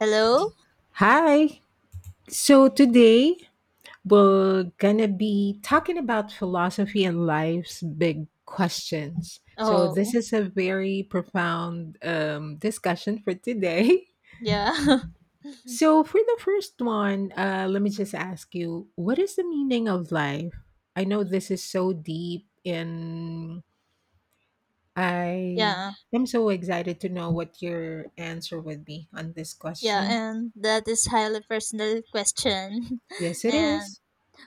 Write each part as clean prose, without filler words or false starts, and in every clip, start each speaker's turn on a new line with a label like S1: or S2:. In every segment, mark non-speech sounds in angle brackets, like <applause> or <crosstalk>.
S1: Hello?
S2: Hi. So today we're gonna be talking about philosophy and life's big questions. So
S1: Oh,
S2: this is a very profound discussion for today. <laughs>
S1: yeah. <laughs>
S2: So for the first one, let me just ask you, what is the meaning of life? I know this is so deep, and I
S1: yeah.
S2: am so excited to know what your answer would be on this
S1: Yeah,
S2: question.
S1: and that is highly personal question.
S2: Yes,
S1: <laughs>
S2: it
S1: And
S2: is.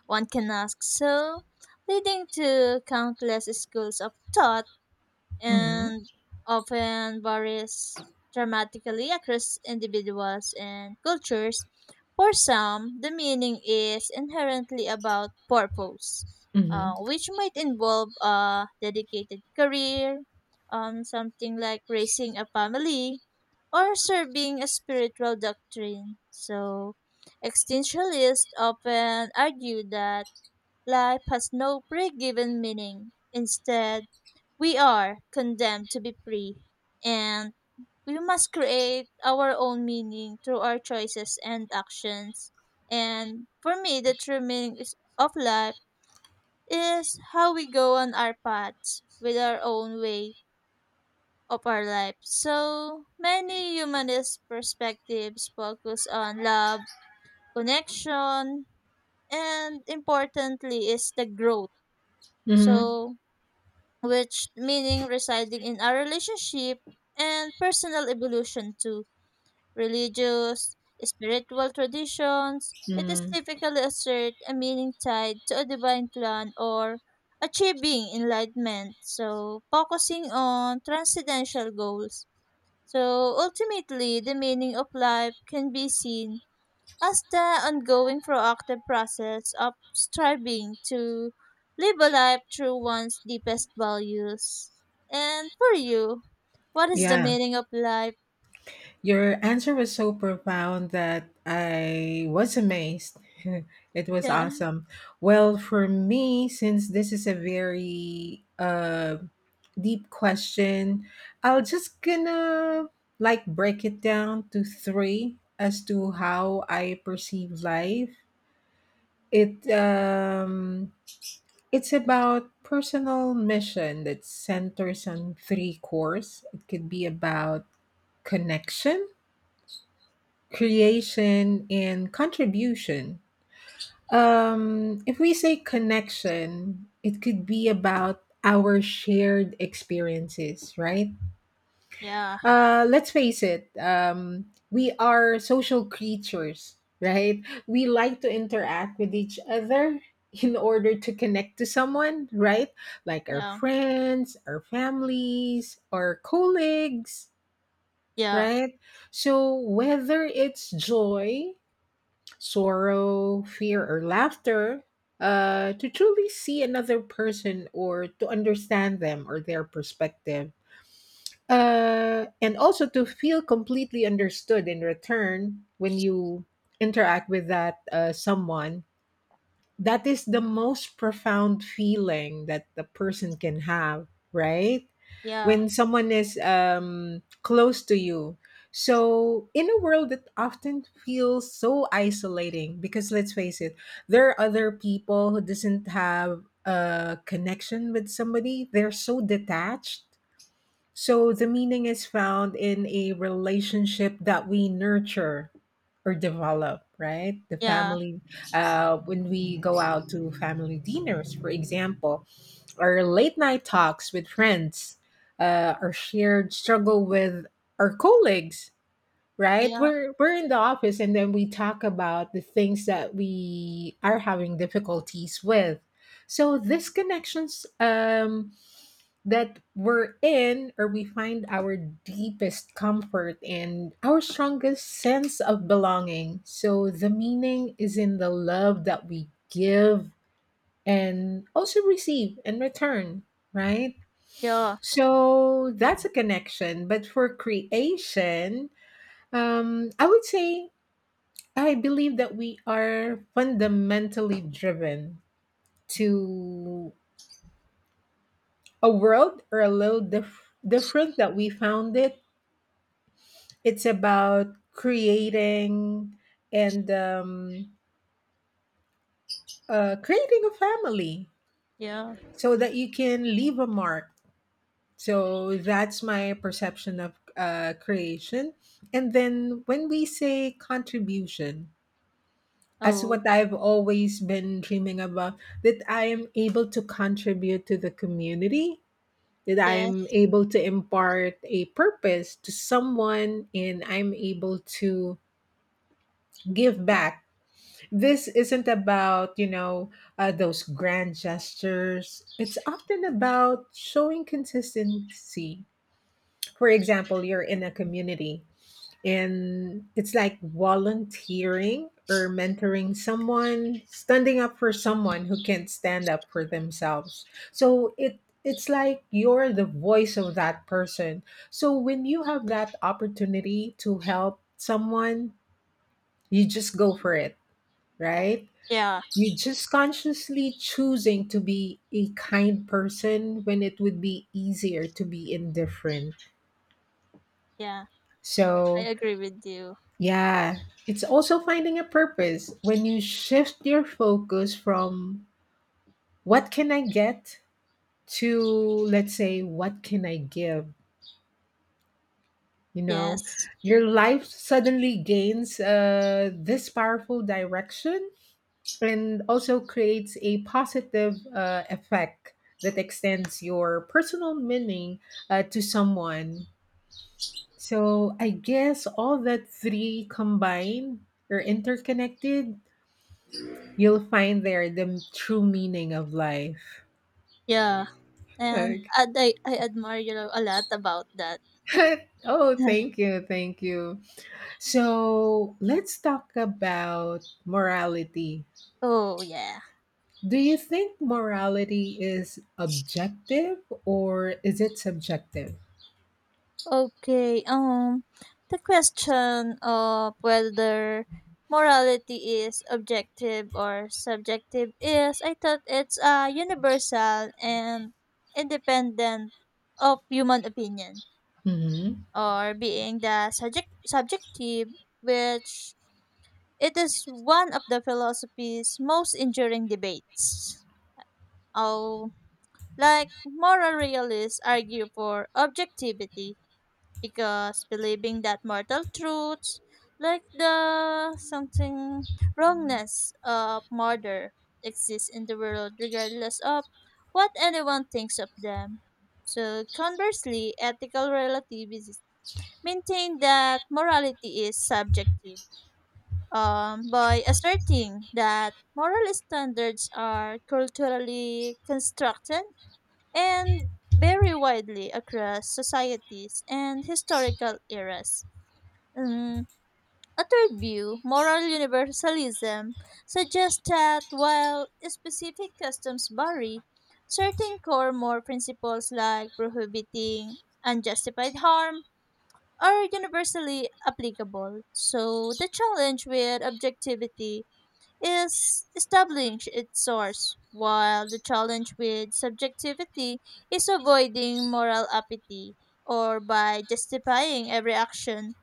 S1: one can ask so, leading to countless schools of thought
S2: Mm-hmm.
S1: and often varies dramatically across individuals and cultures. For some, the meaning is inherently about purpose,
S2: Mm-hmm.
S1: which might involve a dedicated career, something like raising a family, or serving a spiritual doctrine. So existentialists often argue that life has no pre given meaning. Instead, we are condemned to be free, and we must create our own meaning through our choices and actions. And for me, the true meaning is- of life is how we go on our paths with our own way of our life. So many humanist perspectives focus on love, connection, and importantly is the growth.
S2: Mm-hmm.
S1: So which meaning residing in our relationship and personal evolution to religious, spiritual traditions. It is
S2: Mm,
S1: typically assert a meaning tied to a divine plan or achieving enlightenment. So focusing on transcendental goals. So ultimately, the meaning of life can be seen as the ongoing proactive process of striving to live a life through one's deepest values. And for you, what is the
S2: yeah,
S1: meaning of life?
S2: your answer was so profound that I was amazed. <laughs> It was
S1: <laughs>
S2: awesome. Well, for me, since this is a very deep question, I'll just gonna like break it down to three as to how I perceive life. It um, it's about personal mission that centers on three cores. It could be about connection, creation, and contribution. If we say connection, it could be about our shared experiences, right?
S1: Yeah.
S2: Let's face it, we are social creatures, right? We like to interact with each other in order to connect to someone, right? Like our
S1: Yeah.
S2: friends, our families, our colleagues,
S1: Yeah.
S2: right? So whether it's joy, sorrow, fear, or laughter, to truly see another person or to understand them or their perspective. And also to feel completely understood in return when you interact with that someone. That is the most profound feeling that the person can have, right,
S1: Yeah.
S2: when someone is close to you. So in a world that often feels so isolating, because let's face it, there are other people who doesn't have a connection with somebody, they're so detached. So the meaning is found in a relationship that we nurture or develop, right? The
S1: Yeah.
S2: family, when we go out to family dinners, for example, our late night talks with friends, our shared struggle with our colleagues,
S1: Yeah.
S2: right?
S1: Yeah.
S2: We're in the office and then we talk about the things that we are having difficulties with. So these connections, that we're in or we find our deepest comfort and our strongest sense of belonging. So the meaning is in the love that we give and also receive in return, right?
S1: Yeah.
S2: So that's a connection. But for creation, I would say I believe that we are fundamentally driven to a world or a little different that we found it. It's about creating and creating a family
S1: Yeah.
S2: so that you can leave a mark. So that's my perception of creation. And then when we say contribution, as
S1: Oh,
S2: what I've always been dreaming about, that I am able to contribute to the community, that I'm
S1: yes.
S2: able to impart a purpose to someone, and I'm able to give back. This isn't about, those grand gestures. It's often about showing consistency. For example, you're in a community and it's like volunteering or mentoring someone, standing up for someone who can't stand up for themselves. So it's like you're the voice of that person. So when you have that opportunity to help someone, you just go for it, right?
S1: Yeah.
S2: You are just consciously choosing to be a kind person when it would be easier to be indifferent.
S1: Yeah, I
S2: So,
S1: agree with you.
S2: yeah, it's also finding a purpose when you shift your focus from what can I get to, let's say, what can I give? You know,
S1: Yes.
S2: your life suddenly gains this powerful direction and also creates a positive effect that extends your personal meaning to someone. So I guess all that three combined or interconnected, you'll find there the true meaning of life.
S1: Yeah. And
S2: Okay.
S1: I I, I admire you a lot about that.
S2: <laughs> Oh, thank you, thank you. So let's talk about morality.
S1: <laughs> Oh, yeah.
S2: Do you think morality is objective or is it subjective?
S1: Okay, the question of whether morality is objective or subjective is, I thought it's universal and independent of human opinion,
S2: Hmm.
S1: or being the subject subjective, which it is one of the philosophy's most enduring debates. Oh, like moral realists argue for objectivity, because believing that mortal truths like the something wrongness of murder exists in the world regardless of what anyone thinks of them. So conversely, ethical relativists maintain that morality is subjective by asserting that moral standards are culturally constructed and vary widely across societies and historical eras. Um, a third view, moral universalism, suggests that while specific customs vary, certain core moral principles like prohibiting unjustified harm are universally applicable. So the challenge with objectivity is establishing its source, while the challenge with subjectivity is avoiding moral apathy or by justifying every action.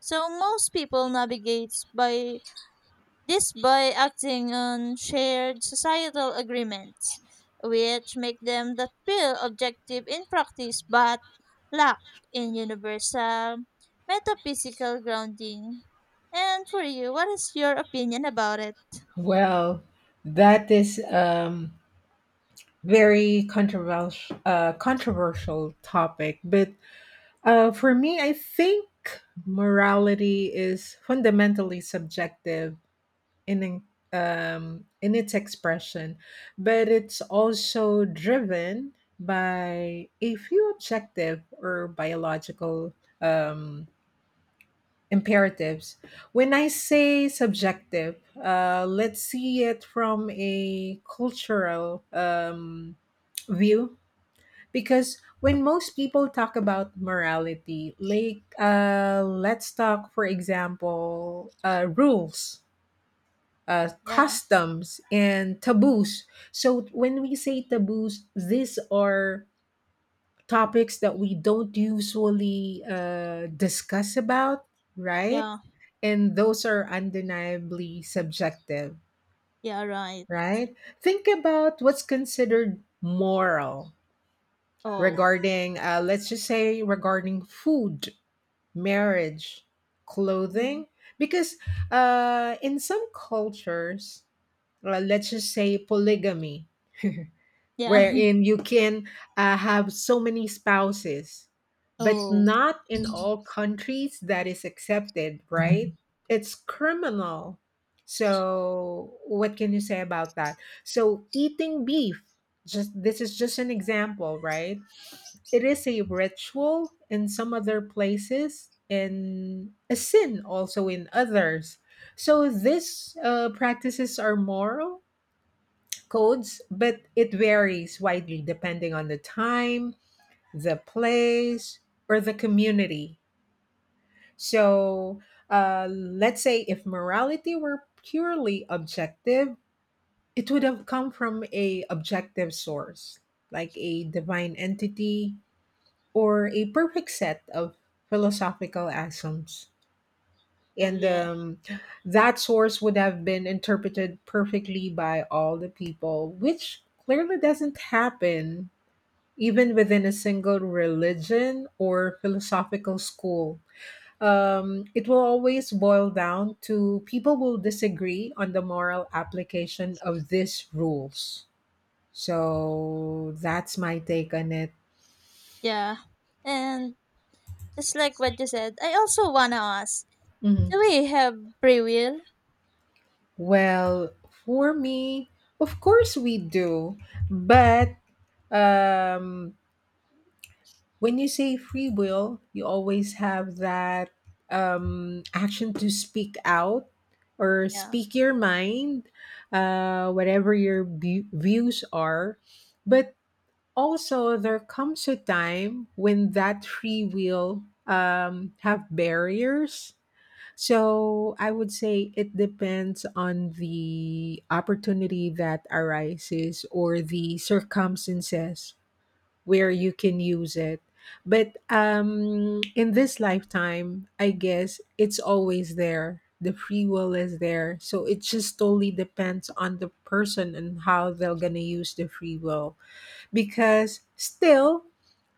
S1: So most people navigate by this by acting on shared societal agreements, which make them that feel objective in practice but lack in universal metaphysical grounding. And for you, what is your opinion about it?
S2: Well, that is very controversial controversial topic. But for me, I think morality is fundamentally subjective in in- in its expression, but it's also driven by a few objective or biological um, imperatives. When I say subjective, let's see it from a cultural view, because when most people talk about morality, like let's talk, for example, rules.
S1: Yeah.
S2: Customs and taboos. So, when we say taboos, these are topics that we don't usually discuss about, right?
S1: Yeah,
S2: And those are undeniably subjective,
S1: yeah, right.
S2: right? Think about what's considered moral
S1: Oh,
S2: regarding, let's just say, regarding food, marriage,
S1: mm,
S2: clothing, because in some cultures, let's just say polygamy,
S1: yeah. <laughs>
S2: wherein you can have so many spouses, but
S1: Oh,
S2: not in
S1: mhm.
S2: all countries that is accepted, right? It's criminal. So, what can you say about that? So, eating beef, just this is just an example, right? It is a ritual in some other places and a sin also in others. So, these practices are moral codes, but it varies widely depending on the time, the place, or the community. So, let's say if morality were purely objective, it would have come from a objective source, like a divine entity or a perfect set of philosophical axioms.
S1: Oh,
S2: And
S1: yeah,
S2: that source would have been interpreted perfectly by all the people, which clearly doesn't happen even within a single religion or philosophical school. It will always boil down to people will disagree on the moral application of these rules. So that's my take on it.
S1: yeah. And just like what you said, I also wanna ask,
S2: Mhm.
S1: do we have free will?
S2: Well, for me, of course we do, but um, when you say free will, you always have that action to speak out or
S1: Yeah,
S2: speak your mind, whatever your views are. But also, there comes a time when that free will have barriers. So I would say it depends on the opportunity that arises or the circumstances where you can use it. But in this lifetime, I guess it's always there. The free will is there. So it just totally depends on the person and how they're going to use the free will, because still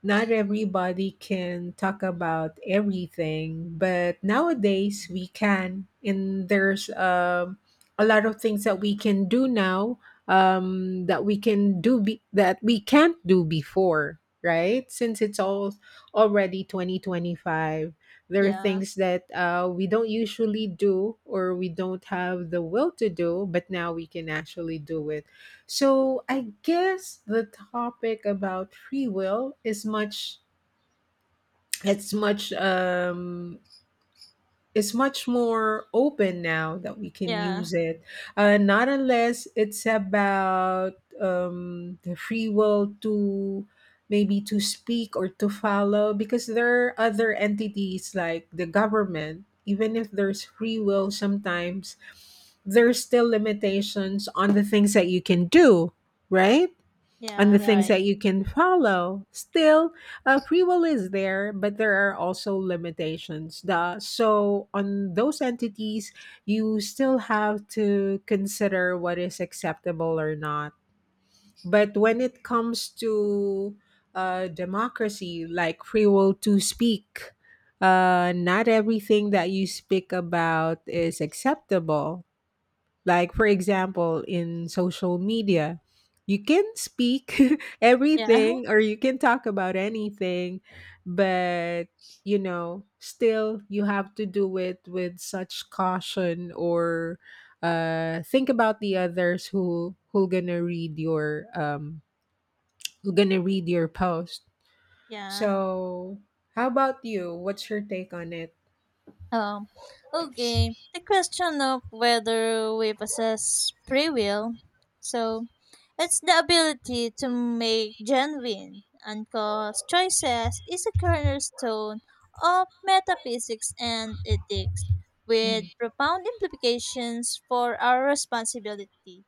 S2: not everybody can talk about everything, but nowadays we can, and there's a lot of things that we can do now that we can do that we can't do before, right, since it's all already 2025. There are
S1: yeah,
S2: things that we don't usually do or we don't have the will to do, but now we can actually do it. So I guess the topic about free will is much it's much it's much more open now that we can
S1: yeah,
S2: use it. Not unless it's about the free will to maybe to speak or to follow, because there are other entities like the government. Even if there's free will, sometimes there's still limitations on the things that you can do, right, on
S1: yeah,
S2: the things
S1: right.
S2: that you can follow. Still, free will is there, but there are also limitations. So on those entities, you still have to consider what is acceptable or not. But when it comes to democracy, like free will to speak, not everything that you speak about is acceptable. Like, for example, in social media, you can speak <laughs>
S1: Yeah,
S2: everything or
S1: <laughs>
S2: you can talk about anything, but you know, still you have to do it with such caution or think about the others who gonna read your who gonna read your post.
S1: yeah.
S2: So, how about you? What's your take on it?
S1: Um, okay. The question of whether we possess free will. So it's the ability to make genuine, uncaused choices is a cornerstone of metaphysics and ethics, with
S2: Mhm.
S1: profound implications for our responsibility.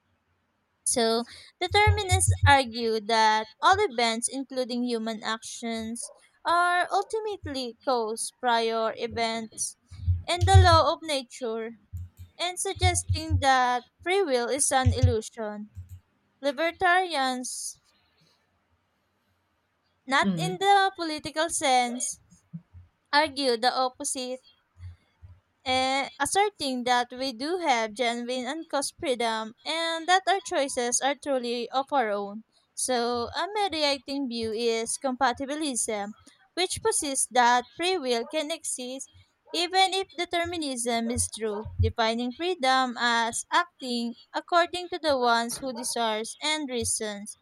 S1: So determinists argue that all events, including human actions, are ultimately caused prior events and the law of nature, and suggesting that free will is an illusion. Libertarians not
S2: Mhm.
S1: in the political sense, argue the opposite asserting that we do have genuine and uncaused freedom and that our choices are truly of our own. So, a mediating view is compatibilism, which posits that free will can exist even if determinism is true, defining freedom as acting according to the ones who desires and reasons,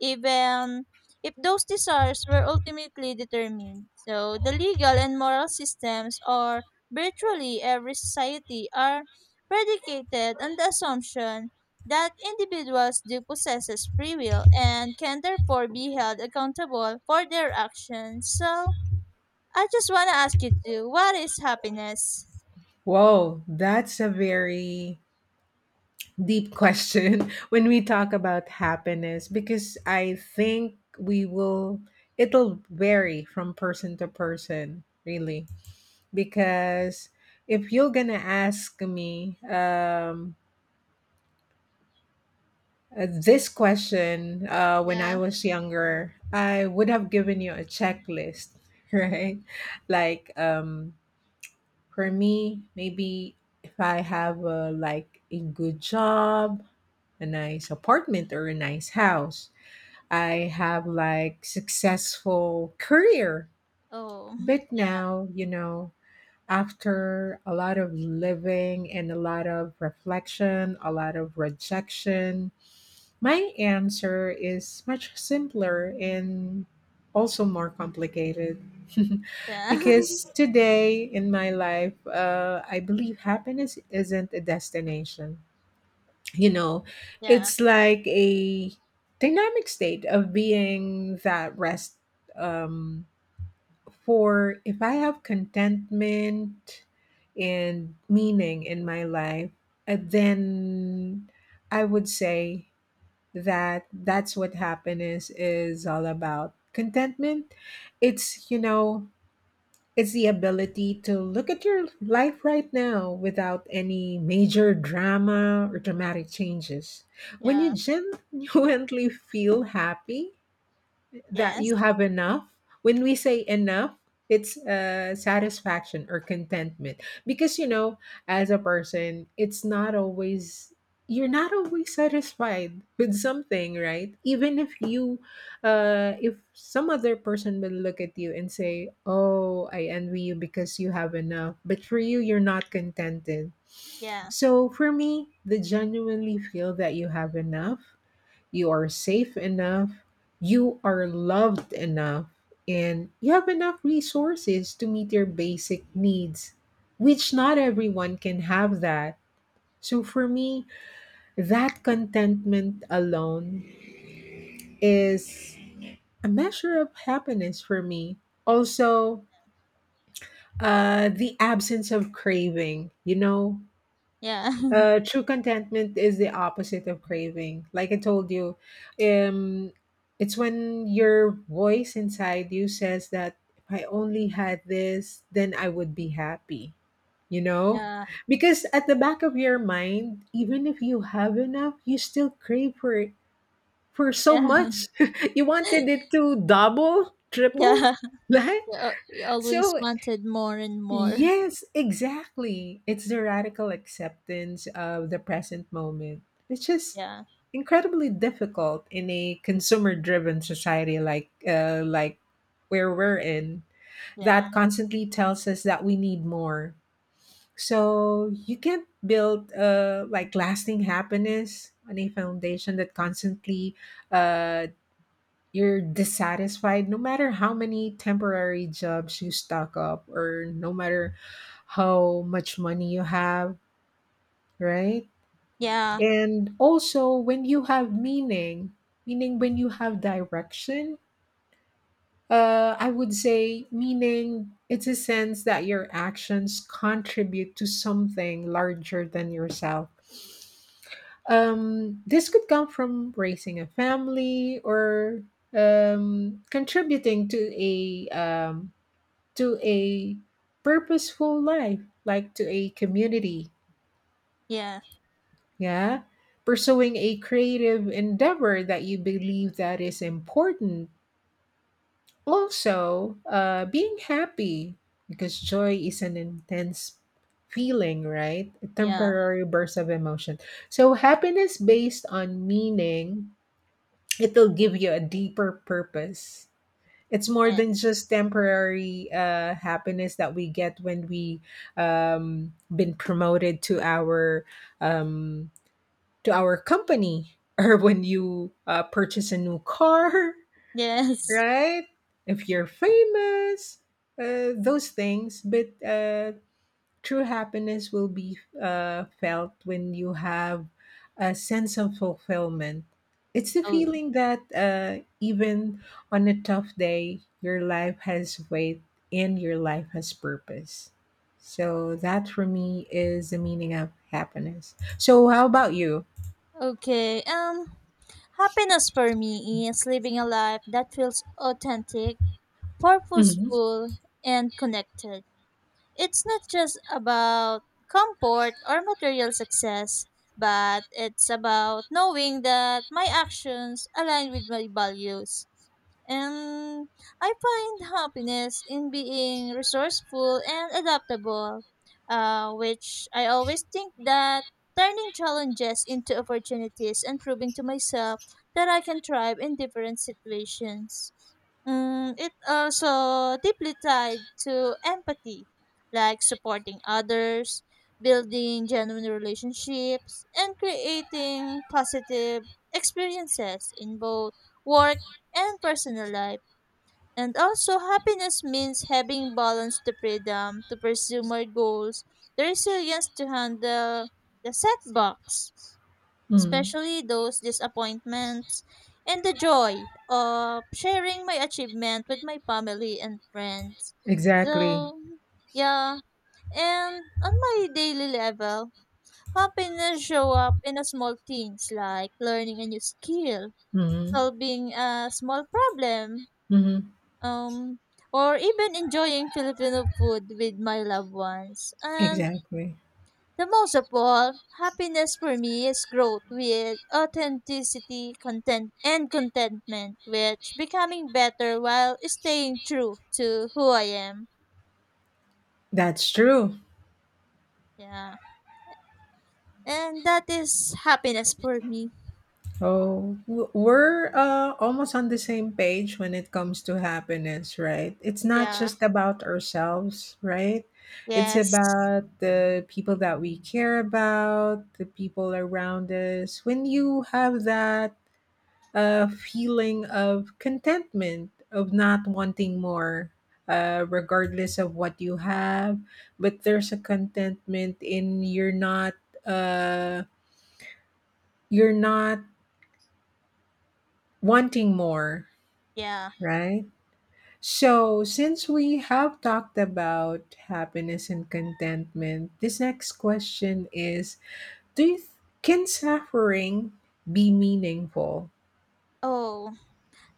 S1: even if those desires were ultimately determined. So the legal and moral systems are virtually every society are predicated on the assumption that individuals do possess free will and can therefore be held accountable for their actions. So I just want to ask you too, what is happiness?
S2: Whoa, that's a very deep question <laughs> when we talk about happiness, because I think we will it'll vary from person to person really, because if you're gonna ask me this question when I
S1: Yeah.
S2: was younger I would have given you a checklist, <laughs> right? Like for me maybe if I have a, like a good job, a nice apartment or a nice house, I have like successful career.
S1: Oh,
S2: But
S1: yeah.
S2: now, you know, after a lot of living and a lot of reflection, a lot of rejection, my answer is much simpler and also more complicated. <laughs>
S1: Yeah. <laughs>
S2: Because today in my life, I believe happiness isn't a destination, you know.
S1: yeah.
S2: It's like a dynamic state of being that rest um for if I have contentment and meaning in my life, then I would say that that's what happiness is all about. Contentment, it's you know, it's the ability to look at your life right now without any major drama or dramatic changes. When
S1: Yeah.
S2: you genuinely feel happy, that
S1: Yes.
S2: you have enough, when we say enough, it's satisfaction or contentment. Because you know, as a person, it's not always you're not always satisfied with something, right? Even if you if some other person will look at you and say, oh, I envy you because you have enough, but for you you're not contented.
S1: Yeah.
S2: So for me, the genuinely feel that you have enough, you are safe enough, you are loved enough, and you have enough resources to meet your basic needs, which not everyone can have that. So for me, that contentment alone is a measure of happiness for me. Also, the absence of craving,
S1: Yeah. <laughs>
S2: True contentment is the opposite of craving. Like I told you, um, it's when your voice inside you says that if I only had this, then I would be happy, you know?
S1: yeah.
S2: Because at the back of your mind, even if you have enough, you still crave for it, for so
S1: Yeah. <laughs>
S2: much. <laughs> You wanted it to double, triple,
S1: Yeah.
S2: <laughs> right?
S1: You always
S2: So
S1: wanted more and more.
S2: Yes, exactly. It's the radical acceptance of the present moment, which is
S1: Yeah.
S2: incredibly difficult in a consumer-driven society like where we're in,
S1: Yeah.
S2: that constantly tells us that we need more. So you can't build like lasting happiness on a foundation that constantly uh, you're dissatisfied no matter how many temporary jobs you stock up or no matter how much money you have, right?
S1: Yeah.
S2: And also when you have meaning, meaning when you have direction, I would say meaning it's a sense that your actions contribute to something larger than yourself. This could come from raising a family or contributing to a purposeful life, like to a community,
S1: Yeah.
S2: yeah? Pursuing a creative endeavor that you believe that is important. Also, being happy because joy is an intense feeling, right? A
S1: Yeah.
S2: temporary burst of emotion. So happiness based on meaning, it'll give you a deeper purpose. It's more than
S1: Yes.
S2: just temporary happiness that we get when we been promoted to um, our company <laughs> or when you purchase a new car <laughs>
S1: Yes.
S2: right, if you're famous, those things, but true happiness will be felt when you have a sense of fulfillment. It's the
S1: Oh,
S2: feeling that even on a tough day, your life has weight and your life has purpose. So, that for me is the meaning of happiness. So, how about you?
S1: okay. Happiness for me is living a life that feels authentic,
S2: Mm-hmm.
S1: purposeful, and connected. It's not just about comfort or material success, but it's about knowing that my actions align with my values. And I find happiness in being resourceful and adaptable, which I always think that turning challenges into opportunities and proving to myself that I can thrive in different situations. Mm, it also deeply tied to empathy, like supporting others, building genuine relationships, and creating positive experiences in both work and personal life. And also, happiness means having balance to freedom to pursue my goals, the resilience to handle the setbacks
S2: Hmm.
S1: especially those disappointments, and the joy of sharing my achievement with my family and friends.
S2: Exactly.
S1: So, yeah, and on my daily level, happiness show up in a small things like learning a new skill,
S2: Mm-hmm.
S1: solving a small problem,
S2: Mm-hmm.
S1: um, or even enjoying Filipino food with my loved ones. And
S2: Exactly.
S1: the most of all, happiness for me is growth with authenticity, content, and contentment, which becoming better while staying true to who I am.
S2: That's true.
S1: Yeah. And that is happiness for me.
S2: Oh, we're almost on the same page when it comes to happiness, right? It's not
S1: Yeah.
S2: just about ourselves, right? It's
S1: Yes.
S2: about the people that we care about, the people around us. When you have that feeling of contentment, of not wanting more, regardless of what you have, but there's a contentment in you're not. Uh, you're not wanting more,
S1: Yeah.
S2: right? So, since we have talked about happiness and contentment, this next question is, Do you th- can suffering be meaningful?
S1: Oh,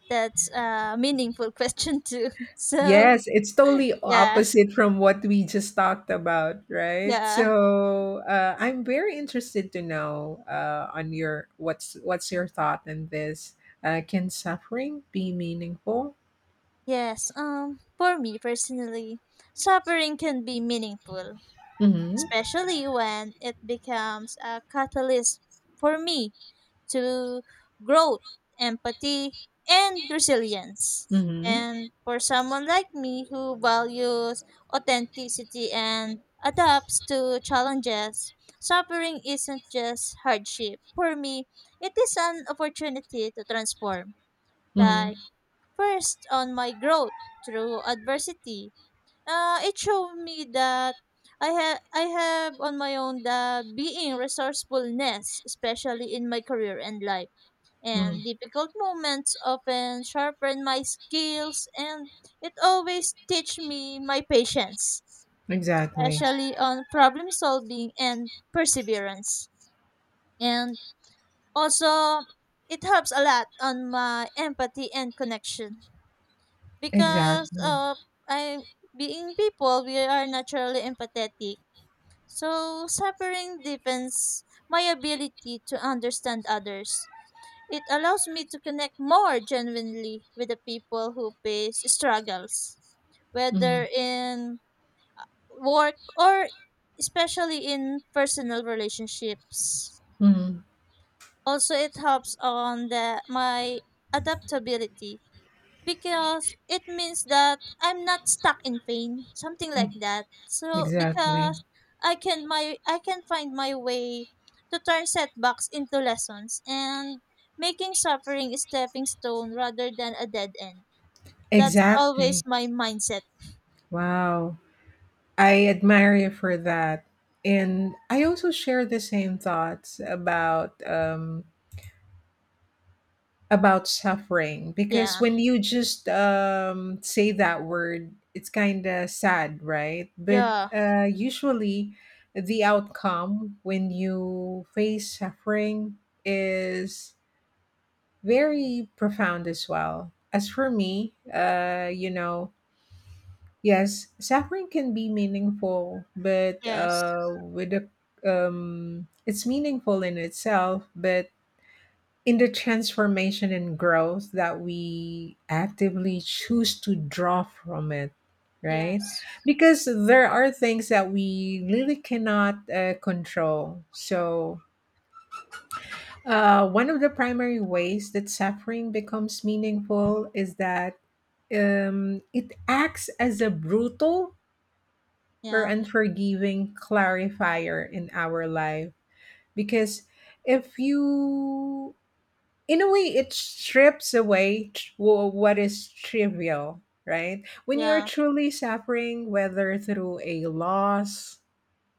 S1: that's a meaningful question too. <laughs> So,
S2: Yes, it's totally
S1: yeah.
S2: opposite from what we just talked about, right?
S1: Yeah.
S2: So, I'm very interested to know on your what's your thought on this? Can suffering be meaningful?
S1: Yes. For me personally, suffering can be meaningful
S2: Mm-hmm.
S1: especially when it becomes a catalyst for me to growth, empathy, and resilience.
S2: Mm-hmm.
S1: And for someone like me who values authenticity and adapts to challenges, suffering isn't just hardship. For me, it is an opportunity to transform.
S2: Mm-hmm.
S1: Like, first, on my growth through adversity, it showed me that I have on my own the being resourcefulness, especially in my career and life.
S2: Hmm.
S1: And difficult moments often sharpen my skills, and it always teach me my patience,
S2: Exactly.
S1: especially on problem solving and perseverance. And also, it helps a lot on my empathy and connection because
S2: Exactly.
S1: I being people, we are naturally empathetic. So suffering deepens my ability to understand others. It allows me to connect more genuinely with the people who face struggles, whether
S2: Mhm,
S1: in work or especially in personal relationships.
S2: mhm.
S1: Also, it helps on the, my adaptability because it means that I'm not stuck in pain, something like that. So
S2: Exactly.
S1: because I can find my way to turn setbacks into lessons and making suffering a stepping stone rather than a dead end. That's always
S2: Exactly.
S1: my mindset.
S2: Wow. I admire you for that. And I also share the same thoughts about suffering because
S1: Yeah.
S2: when you just say that word, it's kind of sad, right? But
S1: Yeah.
S2: uh, usually the outcome when you face suffering is very profound as well. As for me, uh, you know, yes, suffering can be meaningful, but
S1: Yes.
S2: with the it's meaningful in itself, but in the transformation and growth that we actively choose to draw from it, right?
S1: Yes.
S2: Because there are things that we really cannot control. So, one of the primary ways that suffering becomes meaningful is that it acts as a brutal or
S1: Yeah.
S2: unforgiving clarifier in our life because if you, in a way, it strips away what is trivial, right? When you're
S1: Yeah.
S2: truly suffering, whether through a loss,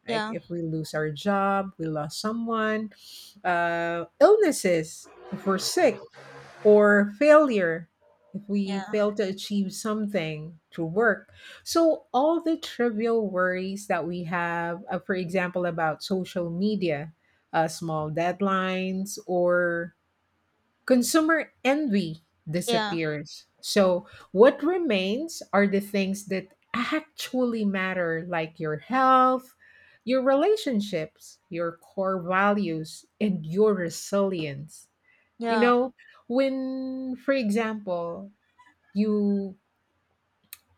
S2: like
S1: Yeah.
S2: if we lose our job, we lost someone, uh, illnesses if we're sick, or failure if we
S1: Yeah.
S2: fail to achieve something through work. So, all the trivial worries that we have, for example, about social media, small deadlines, or consumer envy,
S1: Yeah.
S2: disappears. So, what remains are the things that actually matter, like your health, your relationships, your core values, and your resilience. You
S1: Yeah.
S2: know, when, for example, you,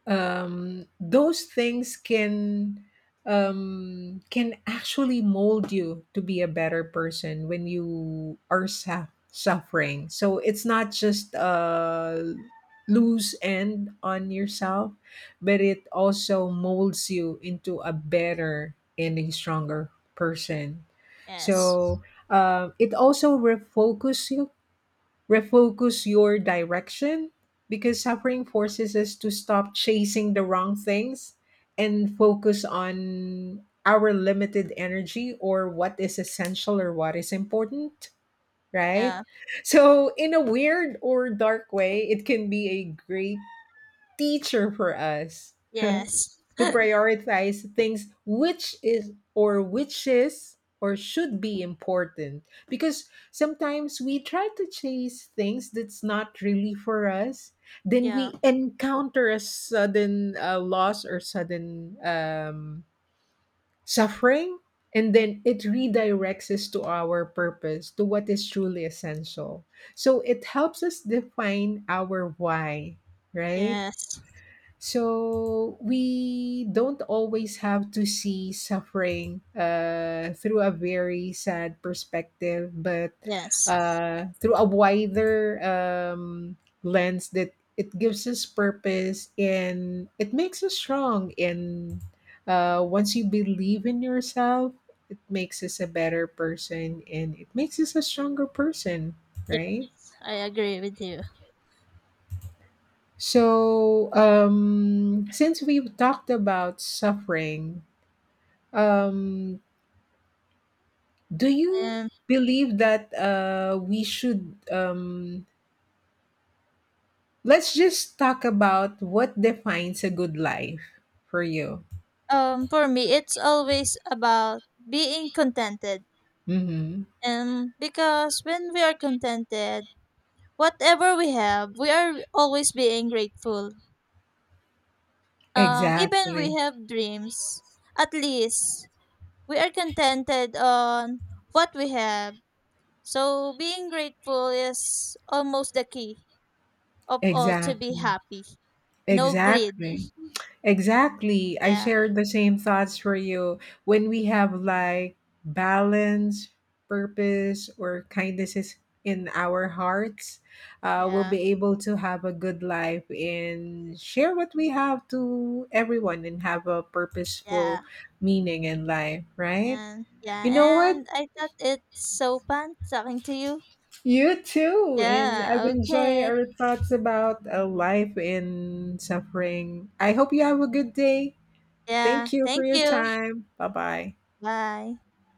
S2: those things can actually mold you to be a better person when you are suffering. So it's not just a loose end on yourself, but it also molds you into a better and a stronger person.
S1: Yes.
S2: So it also refocus your direction because suffering forces us to stop chasing the wrong things and focus on our limited energy or what is essential or what is important, right?
S1: Yeah.
S2: So, in a weird or dark way, it can be a great teacher for us. <laughs>
S1: Yes.
S2: To prioritize things which is or should be important, because sometimes we try to chase things that's not really for us, then
S1: Yeah.
S2: we encounter a sudden loss or sudden suffering, and then it redirects us to our purpose, to what is truly essential, so it helps us define our why, right?
S1: Yes.
S2: So we don't always have to see suffering through a very sad perspective, but
S1: Yes.
S2: through a wider lens that it gives us purpose and it makes us strong. And once you believe in yourself, it makes us a better person and it makes us a stronger person,
S1: Yes,
S2: right?
S1: I agree with you.
S2: So, since we've talked about suffering, um, do you
S1: Um,
S2: believe that we should? Let's just talk about what defines a good life for you.
S1: for me, it's always about being contented.
S2: Mm-hmm.
S1: And because when we are contented, whatever we have, we are always being grateful. Even we
S2: Exactly.
S1: have dreams, at least we are contented on what we have. So being grateful is almost the key of all to be
S2: Exactly.
S1: happy. No greed.
S2: Exactly. Exactly. I
S1: Yeah,
S2: shared the same thoughts for you. When we have like balance, purpose, or kindness is in our hearts, we'll
S1: yeah,
S2: be able to have a good life and share what we have to everyone and have a
S1: yeah.
S2: purposeful meaning in life, right?
S1: And yeah,
S2: You know what?
S1: and I thought it's so fun talking to you.
S2: You too. And I've
S1: Yeah,
S2: enjoyed
S1: okay.
S2: our thoughts about a life in suffering. I hope you have a good day.
S1: Yeah.
S2: Thank you for
S1: Thank
S2: your
S1: you.
S2: time. Bye bye.
S1: Bye.